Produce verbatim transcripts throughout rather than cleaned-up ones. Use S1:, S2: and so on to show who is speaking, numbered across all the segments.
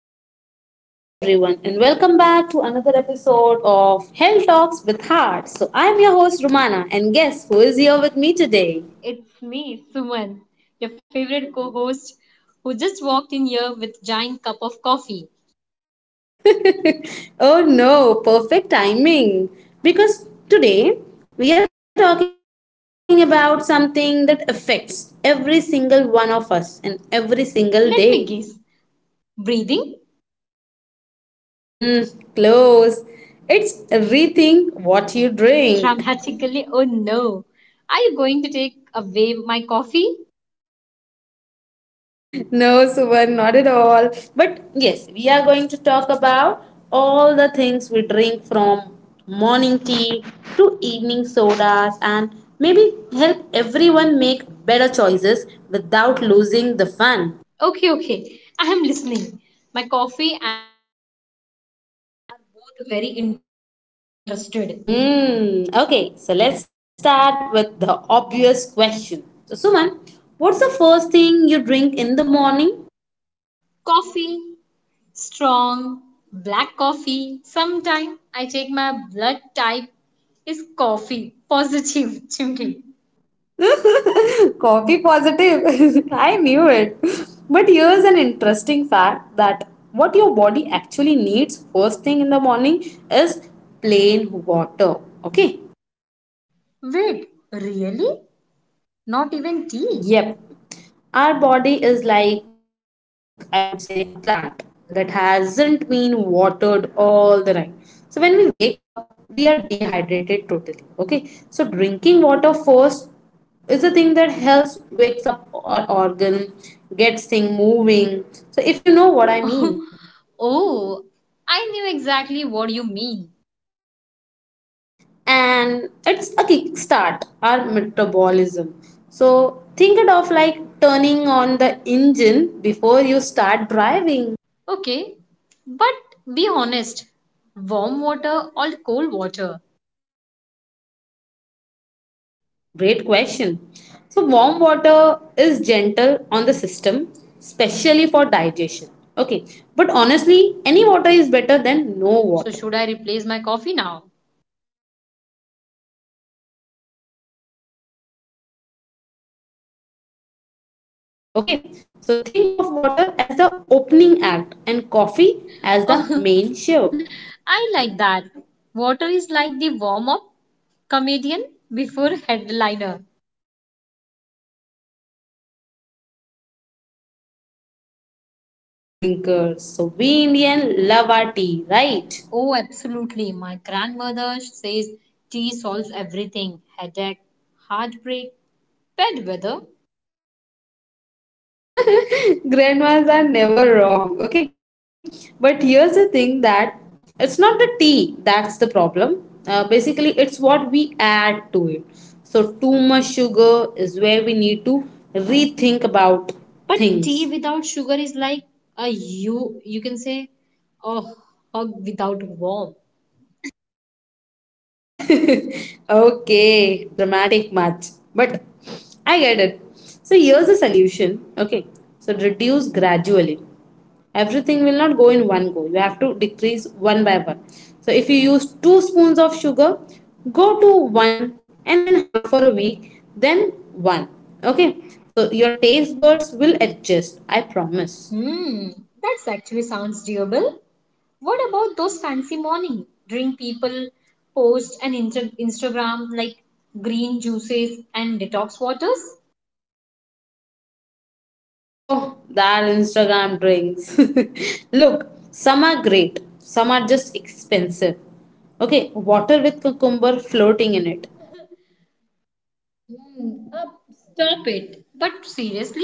S1: Hello, everyone, and welcome back to another episode of Health Talks with Heart. So, I'm your host, Romana, and guess who is here with me today?
S2: It's me, Suman, your favorite co host, who just walked in here with giant cup of coffee.
S1: Oh no, perfect timing! Because today we are talking about something that affects every single one of us and every single day.
S2: Let me guess. Breathing?
S1: Mmm, close. It's rethink what you drink.
S2: Dramatically, oh no. Are you going to take away my coffee?
S1: No, Suman, not at all. But yes, we are going to talk about all the things we drink from morning tea to evening sodas and maybe help everyone make better choices without losing the fun.
S2: Okay, okay. I am listening. My coffee and both very interested.
S1: Mm, okay, so let's start with the obvious question. So, Suman, what's the first thing you drink in the
S2: Coffee,
S1: morning?
S2: strong, black coffee. Sometime I take my blood type is coffee. Positive, chimney.
S1: Copy positive. I knew it. But here's an interesting fact that what your body actually needs first thing in the morning is plain water. Okay.
S2: Wait, really? Not even tea?
S1: Yep. Our body is like, I would say, a plant that hasn't been watered all the night. So when we wake up, we are dehydrated totally. Okay. So drinking water first is the thing that helps wakes up our organ, gets thing moving. So if you know what I mean.
S2: Oh, I knew exactly what you mean.
S1: And it's a kickstart, our metabolism. So think it of like turning on the engine before you start driving.
S2: Okay, but be honest, warm water or cold water?
S1: Great question. So, warm water is gentle on the system, especially for digestion. Okay, but honestly, any water is better than no water.
S2: So, should I replace my coffee now?
S1: No way. Just drink a glass of water before your coffee. Okay, so think of water as the opening act and coffee as the main show.
S2: I like that. Water is like the warm up comedian before headliner.
S1: Exactly, you got me. So now let us also talk about tea drinkers. So we Indian love our tea, right?
S2: Oh, absolutely. My grandmother says tea solves everything: headache, heartbreak, bad weather.
S1: Grandmas are never wrong, okay? But here's the thing that it's not the tea that's the problem. Uh, basically, it's what we add to it. So, too much sugar is where we need to rethink about
S2: But tea
S1: things.
S2: without sugar is like a you you can say a hug without warmth.
S1: Okay, dramatic much. But I get it. So, here's the solution, okay? So, reduce gradually. Everything will not go in one go, you have to decrease one by one. So if you use two spoons of sugar, go to one and then half for a week, then one. Okay, so your taste buds will adjust, I promise.
S2: Hmm, that's actually sounds doable. What about those fancy morning drink people post and inter- Instagram like green juices and detox waters?
S1: Oh, that Instagram drinks. Look, some are great, some are just expensive. Okay, water with cucumber floating in it.
S2: Hmm, uh, stop it. But seriously,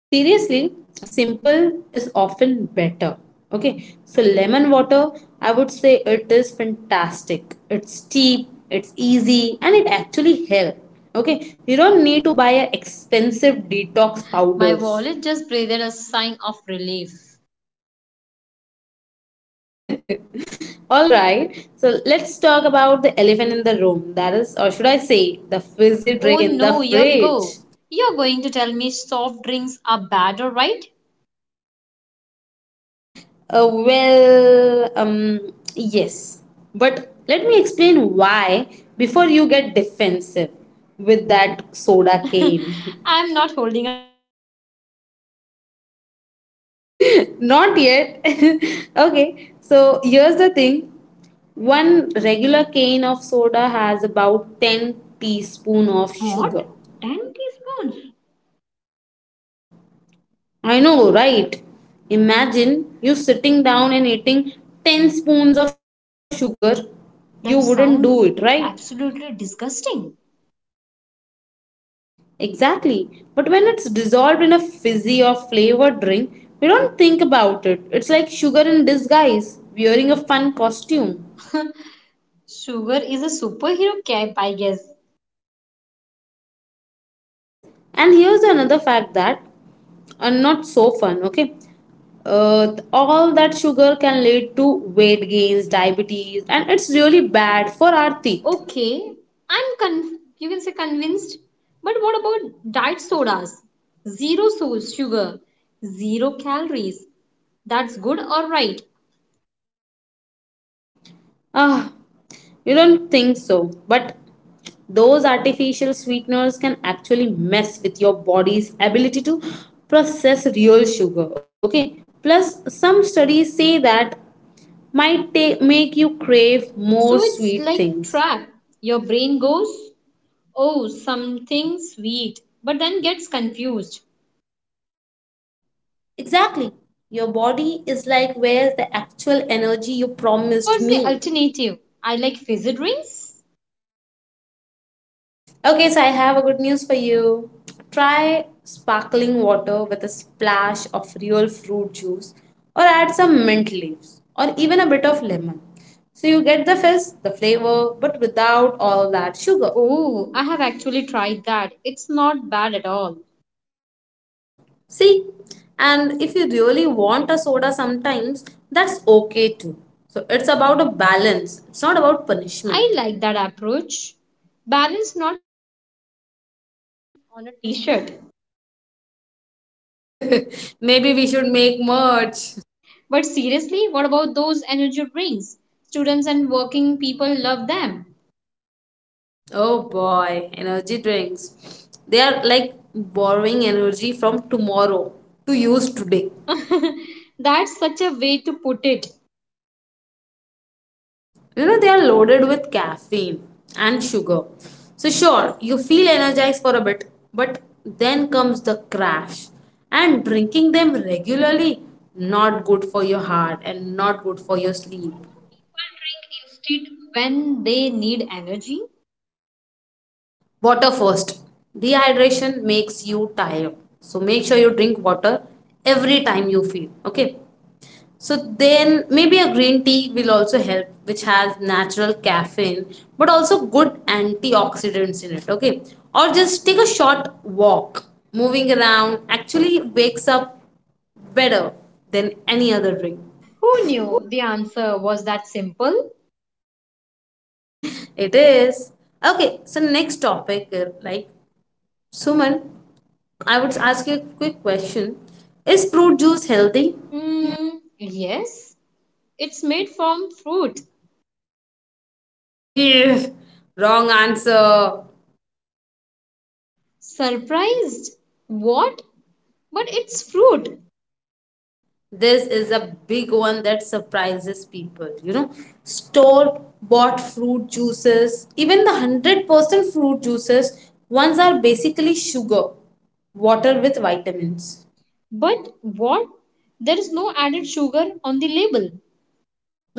S1: Seriously, simple is often better. Okay, so lemon water, I would say it is fantastic. It's cheap, it's easy, and it actually helps. Okay, you don't need to buy a expensive detox
S2: my
S1: powders.
S2: wallet just breathed a sigh of relief.
S1: All right, so let's talk about the elephant in the room. That is, or should I say, the fizzy
S2: Oh
S1: drink in the
S2: no, here we go.
S1: fridge.
S2: You're going to tell me soft drinks are bad, all right?
S1: Uh, well, um, yes. But let me explain why before you get defensive with that soda cane.
S2: I'm not holding up.
S1: Not yet. Okay, so here's the thing, one regular cane of soda has about ten teaspoon of
S2: What?
S1: sugar.
S2: ten teaspoons?
S1: I know, right? Imagine you sitting down and eating ten spoons of sugar. You wouldn't do
S2: That
S1: it, right?
S2: sounds absolutely disgusting.
S1: Exactly. But when it's dissolved in a fizzy or flavored drink, we don't think about it. It's like sugar in disguise, wearing a fun costume.
S2: Sugar is a superhero cap, I guess.
S1: Yes. And here's another fact that are not so fun, okay? Uh, all that sugar can lead to weight gains, diabetes, and it's really bad for our teeth.
S2: Okay, I'm con- you can say convinced. But what about diet sodas? Zero so- sugar, zero calories. That's good or right?
S1: Ah, you don't think so, but those artificial sweeteners can actually mess with your body's ability to process real sugar. Okay. Plus, some studies say that might ta- make you crave
S2: So
S1: more
S2: it's
S1: sweet
S2: like
S1: things.
S2: trap. Your brain goes, oh, something sweet, but then gets confused.
S1: Exactly. Your body is like, where's the actual energy you
S2: So,
S1: promised
S2: what's the
S1: me?
S2: alternative? I like fizzy drinks.
S1: Okay, so I have a good news for you. Try sparkling water with a splash of real fruit juice or add some mint leaves or even a bit of lemon. So you get the fizz, the flavor, but without all that sugar.
S2: Oh, I have actually tried that. It's not bad at all.
S1: See? And if you really want a soda sometimes, that's okay too. So it's about a balance, it's not about
S2: I
S1: punishment.
S2: like that approach. Balance not on a t shirt. But
S1: Maybe we should
S2: seriously,
S1: make
S2: what about
S1: merch.
S2: those energy drinks? Students and working people love them.
S1: Oh boy, energy drinks. They are like borrowing energy from tomorrow to use today.
S2: That's such a way to put it.
S1: You know, they are loaded with caffeine and sugar. So, sure, you feel energized for a bit, but then comes the crash. And drinking them regularly, not good for your heart and not good for your sleep.
S2: People drink instead when they need energy.
S1: Water first. Dehydration makes you tired. So, make sure you drink water every time you feel. Okay. So then maybe a green tea will also help, which has natural caffeine, but also good antioxidants in it. Okay. Or just take a short walk. Moving around actually wakes up better than any other drink.
S2: Who knew the answer was that simple?
S1: It is. Okay, so next topic, uh, like Suman, I would ask you a quick question. Is fruit juice healthy?
S2: Mm, yes, it's made from fruit.
S1: Ew, wrong answer.
S2: Surprised? What? But it's fruit.
S1: This is a big one that surprises people, you know, store bought fruit juices, even the one hundred percent fruit juices ones, are basically sugar water with vitamins.
S2: But what? There is no added sugar on the label.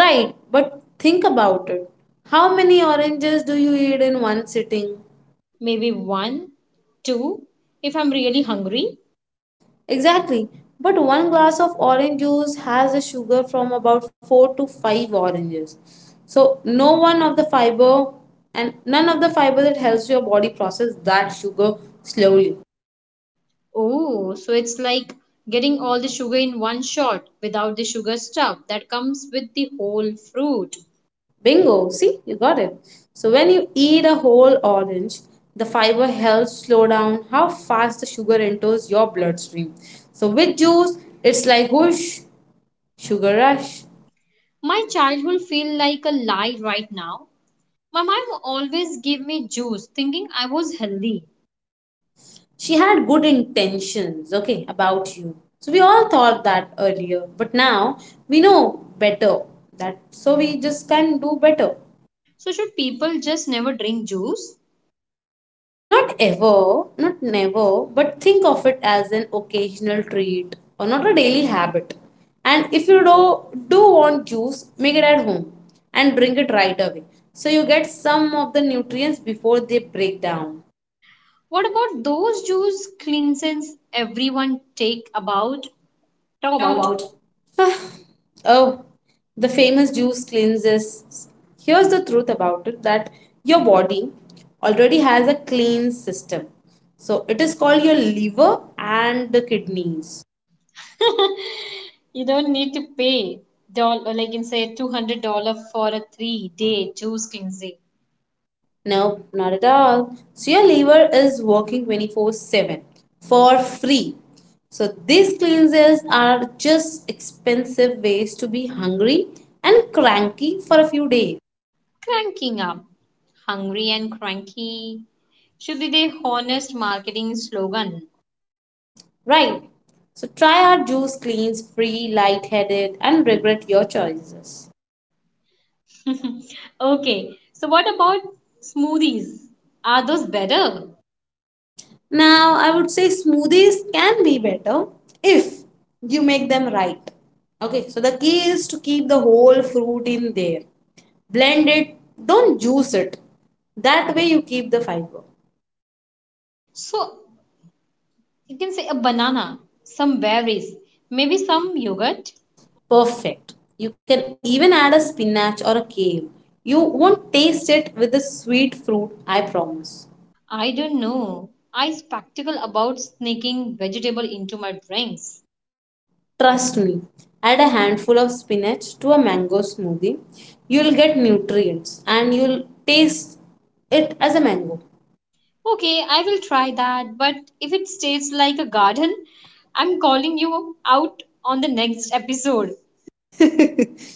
S1: Right, but think about it, how many oranges do you eat in one sitting?
S2: Maybe one, two, if I'm really hungry.
S1: Exactly. But one glass of orange juice has the sugar from about four to five oranges. So no one of the fiber and none of the fiber that helps your body process that sugar slowly.
S2: Oh, so it's like getting all the sugar in one shot without the sugar stuff that comes with the whole fruit.
S1: Bingo, see, you got it. So when you eat a whole orange, the fiber helps slow down how fast the sugar enters your bloodstream. So with juice, it's like whoosh, sugar rush.
S2: My childhood feel like a lie right now. My mom always gave me juice thinking I was healthy.
S1: She had good intentions, okay, about you. So we all thought that earlier, but now we know better that, so we just can do better.
S2: So should people just never drink juice?
S1: Not ever, not never, but think of it as an occasional treat or not a daily habit. And if you do, do, want juice, make it at home and drink it right away. So you get some of the nutrients before they break down.
S2: What about those juice cleanses everyone take about talk about?
S1: Ah, oh, the famous juice cleanses. Here's the truth about it that your body already has a clean system. So it is called your liver and the kidneys.
S2: You don't need to pay doll or like in say two hundred dollar for a three day juice cleansing.
S1: Nope, not at all. So your liver is working twenty-four seven for free. So these cleanses are just expensive ways to be hungry and cranky for a few days.
S2: Cranking up, hungry and cranky should be their honest marketing slogan.
S1: Right. So try our juice cleans free, lightheaded, and regret your choices.
S2: Okay, so what about smoothies? Are those better?
S1: Now, I would say smoothies can be better if you make them right. Okay, so the key is to keep the whole fruit in there. Blend it, don't juice it. That way, you keep the fiber.
S2: So you can say a banana, some berries, maybe some yogurt.
S1: Perfect. You can even add a spinach or a kale. You won't taste it with the sweet fruit, I promise.
S2: I don't know. I spectacle about sneaking vegetable into my drinks.
S1: Trust me, add a handful of spinach to a mango smoothie. You'll get nutrients and you'll taste it as a mango.
S2: Okay, I will try that, but if it stays like a garden, I'm calling you out on the next episode.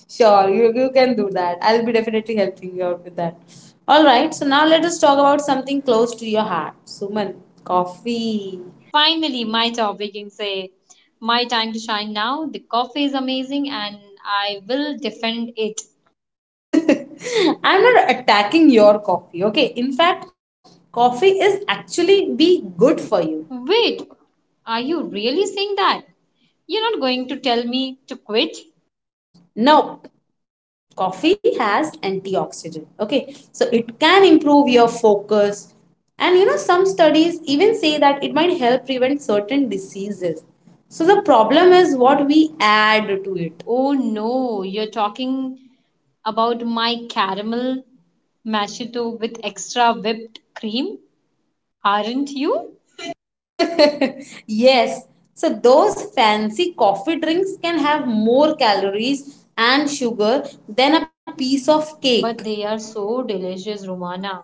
S1: Sure, you, you can do that. I'll be definitely helping you out with that. All right, so now let us talk about something close to your heart. Suman, coffee.
S2: Finally, my topic, you can say, my time to shine now. The coffee is amazing and I will defend it.
S1: I'm not attacking your coffee, okay? In fact, coffee is actually be good for you.
S2: Wait, are you really saying that? You're not going to tell me to quit?
S1: Nope. Coffee has antioxidant. Okay. So it can improve your focus. And you know, some studies even say that it might help prevent certain diseases. So the problem is what we add to
S2: Oh no, you're talking about my caramel machito with extra whipped cream, aren't you?
S1: it. Yes. So those fancy coffee drinks can have more calories and sugar than a piece of cake.
S2: But they are so delicious, Romana.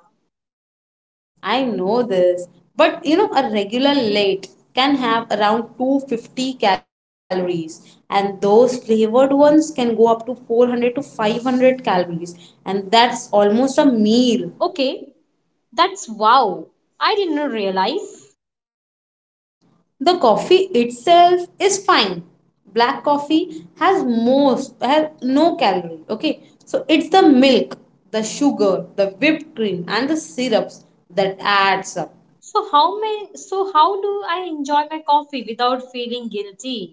S1: I know this, but you know, a regular late can have around two hundred fifty calories, and those flavored ones can go up to four hundred to five hundred calories, and that's almost a meal.
S2: Okay, that's wow. I didn't realize.
S1: The coffee itself is fine. Black coffee has most has no calorie, okay? So it's the milk, the sugar, the whipped cream and the syrups that adds up.
S2: So how may so how do I enjoy my coffee without feeling guilty?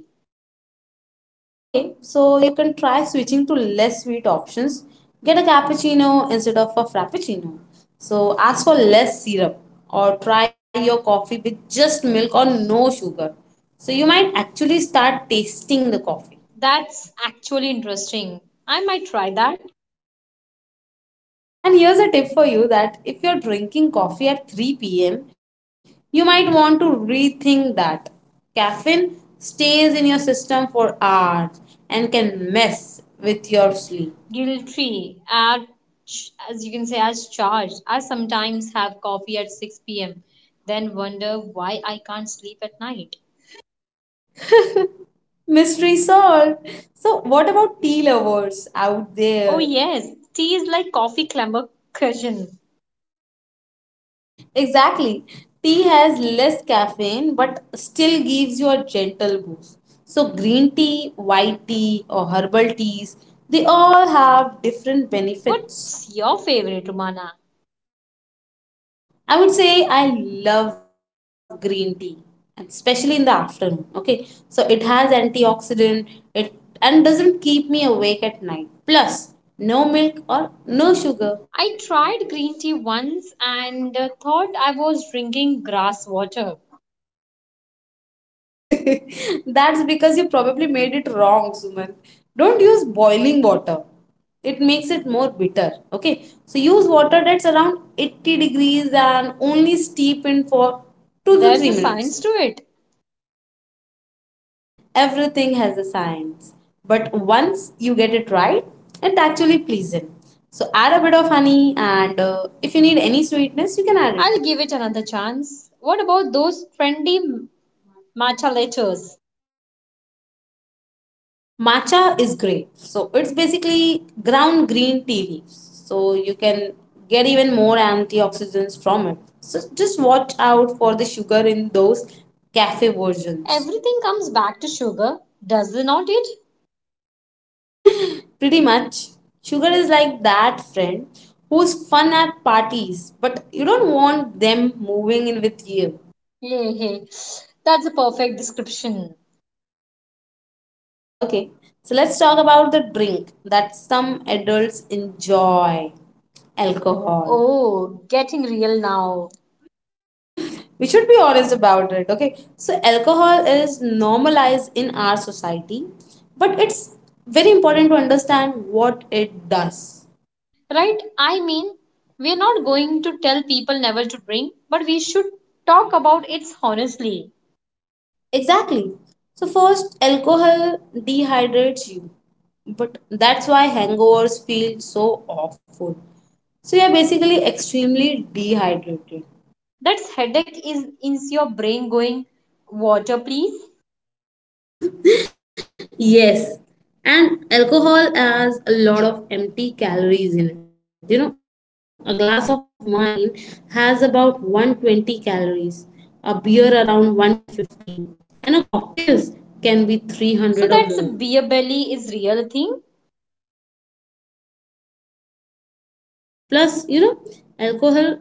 S1: Okay, so you can try switching to less sweet options. Get a cappuccino instead of a frappuccino. So ask for less syrup or try your coffee with just milk or no sugar. So you might actually start tasting the coffee.
S2: That's actually interesting. I might try that.
S1: And here's a tip for you that if you're drinking coffee at three p m, you might want to rethink that. Caffeine stays in your system for hours and can mess with your sleep.
S2: Guilty at, as you can say, as charged. I sometimes have coffee at six p.m. then wonder why I can't sleep at night.
S1: Mystery solved. So, what about tea lovers out
S2: Oh
S1: there?
S2: yes, tea is like coffee clamber cushion.
S1: Exactly. Tea has less caffeine but still gives you a gentle boost. So, green tea, white tea, or herbal teas, they all have different benefits.
S2: What's your favorite, Romana?
S1: I would say I love green tea, and especially in the afternoon. Okay, so it has antioxidant, it and doesn't keep me awake at night. Plus, no milk or no sugar.
S2: I tried green tea once and uh, thought I was drinking grass water.
S1: That's because you probably made it wrong, Suman. Don't use boiling water. It makes it more bitter. Okay. So use water that's around eighty degrees and only steep in for two to
S2: There's
S1: three
S2: a science
S1: minutes.
S2: to it.
S1: Everything has a science. But once you get it right, it actually pleasing. So add a bit of honey and uh, if you need any sweetness, you can add
S2: I'll
S1: it.
S2: give it another chance. What about those trendy matcha lattes?
S1: Matcha is great. So it's basically ground green tea leaves. So you can get even more antioxidants from it. So just watch out for the sugar in those cafe versions.
S2: Everything comes back to sugar, does it not it?
S1: Pretty much, sugar is like that friend who's fun at parties, but you don't want them moving in with you.
S2: Hey, hey, that's a perfect description.
S1: Okay, so let's talk about the drink that some adults enjoy, alcohol.
S2: Oh, getting real now.
S1: We should be honest about it, okay? So alcohol is normalized in our society, but it's very important to understand what it does.
S2: Right? I mean, we're not going to tell people never to drink, but we should talk about it honestly.
S1: Exactly. So first, alcohol dehydrates you, but that's why hangovers feel so awful. So you're basically extremely dehydrated.
S2: That headache is in your brain going, water, please.
S1: Yes, and alcohol has a lot of empty calories in it. You know, a glass of wine has about one hundred twenty calories, a beer around one hundred fifty, and a cocktails can be three hundred or more.
S2: So that's beer belly is real thing.
S1: It absolutely is. Plus, you know, alcohol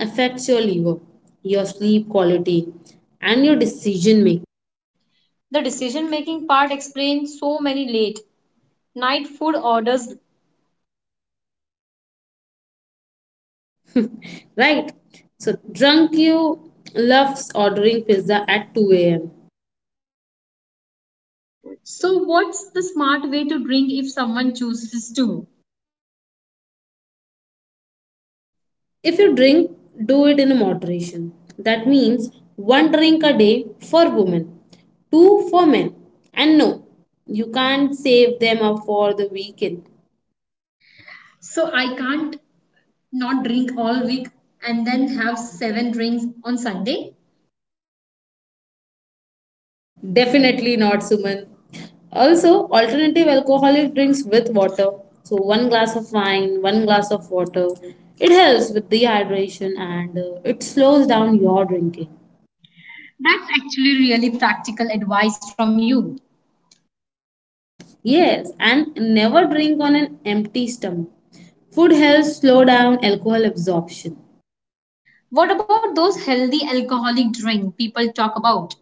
S1: affects your liver, your sleep quality, and your decision making.
S2: The decision making part explains so many late night food orders.
S1: Right? So, drunk you loves ordering pizza at two a m.
S2: So what's the smart way to drink if someone chooses to?
S1: If you drink, do it in moderation. That means one drink a day for women, two for men. And no, you can't save them up for the weekend.
S2: So I can't not drink all week and then have seven drinks on Sunday?
S1: Definitely not, Suman. Also, alternative alcoholic drinks with water. So, one glass of wine, one glass of water. It helps with dehydration and uh, it slows down your drinking.
S2: That's actually really practical advice from you.
S1: Yes, and never drink on an empty stomach. Food helps slow down alcohol absorption.
S2: What about those healthy alcoholic drink people talk about?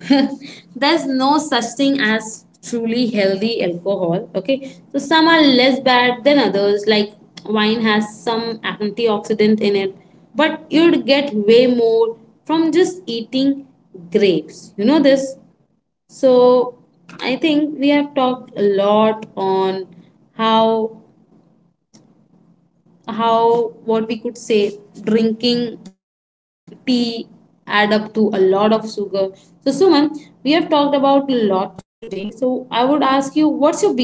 S1: There's no such thing as truly healthy alcohol, okay? So some are less bad than others, like wine has some antioxidant in it, but you'd get way more from just eating grapes, you know this. So I think we have talked a lot on how how what we could say, drinking tea add up to a lot of sugar. So Suman, we have talked about a lot today, so I would ask you, what's your biggest takeaway?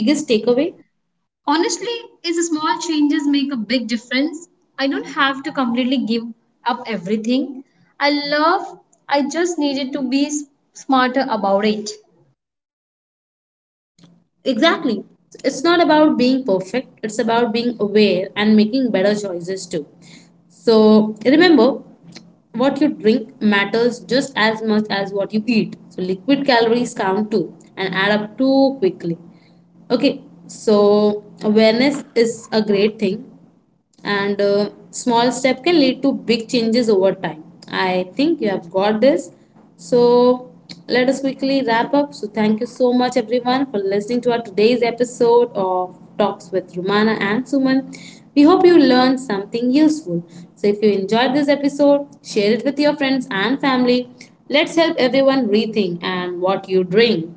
S2: Honestly, is small changes make a big difference? I don't have to completely give up everything. I love I just needed to be s- smarter about it.
S1: Exactly, it's not about being perfect, it's about being aware and making better choices too. So remember, what you drink matters just as much as what you eat. So liquid calories count too and add up too quickly. Okay, so awareness is a great thing. And uh, small step can lead to big changes over time. I think you have got this. So let us quickly wrap up. So thank you so much everyone for listening to our today's episode of Talks with Romana and Suman. We hope you learned something useful. So if you enjoyed this episode, share it with your friends and family. Let's help everyone rethink and what you drink.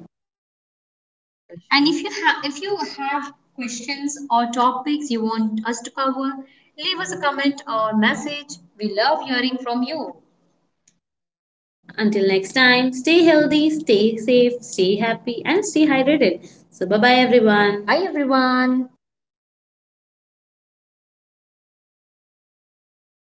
S2: And if you have if you have questions or topics you want us to cover, leave us a comment or message. We love hearing from you.
S1: Until next time, stay healthy, stay safe, stay happy, and stay hydrated. So, bye bye,
S2: Bye
S1: everyone.
S2: everyone.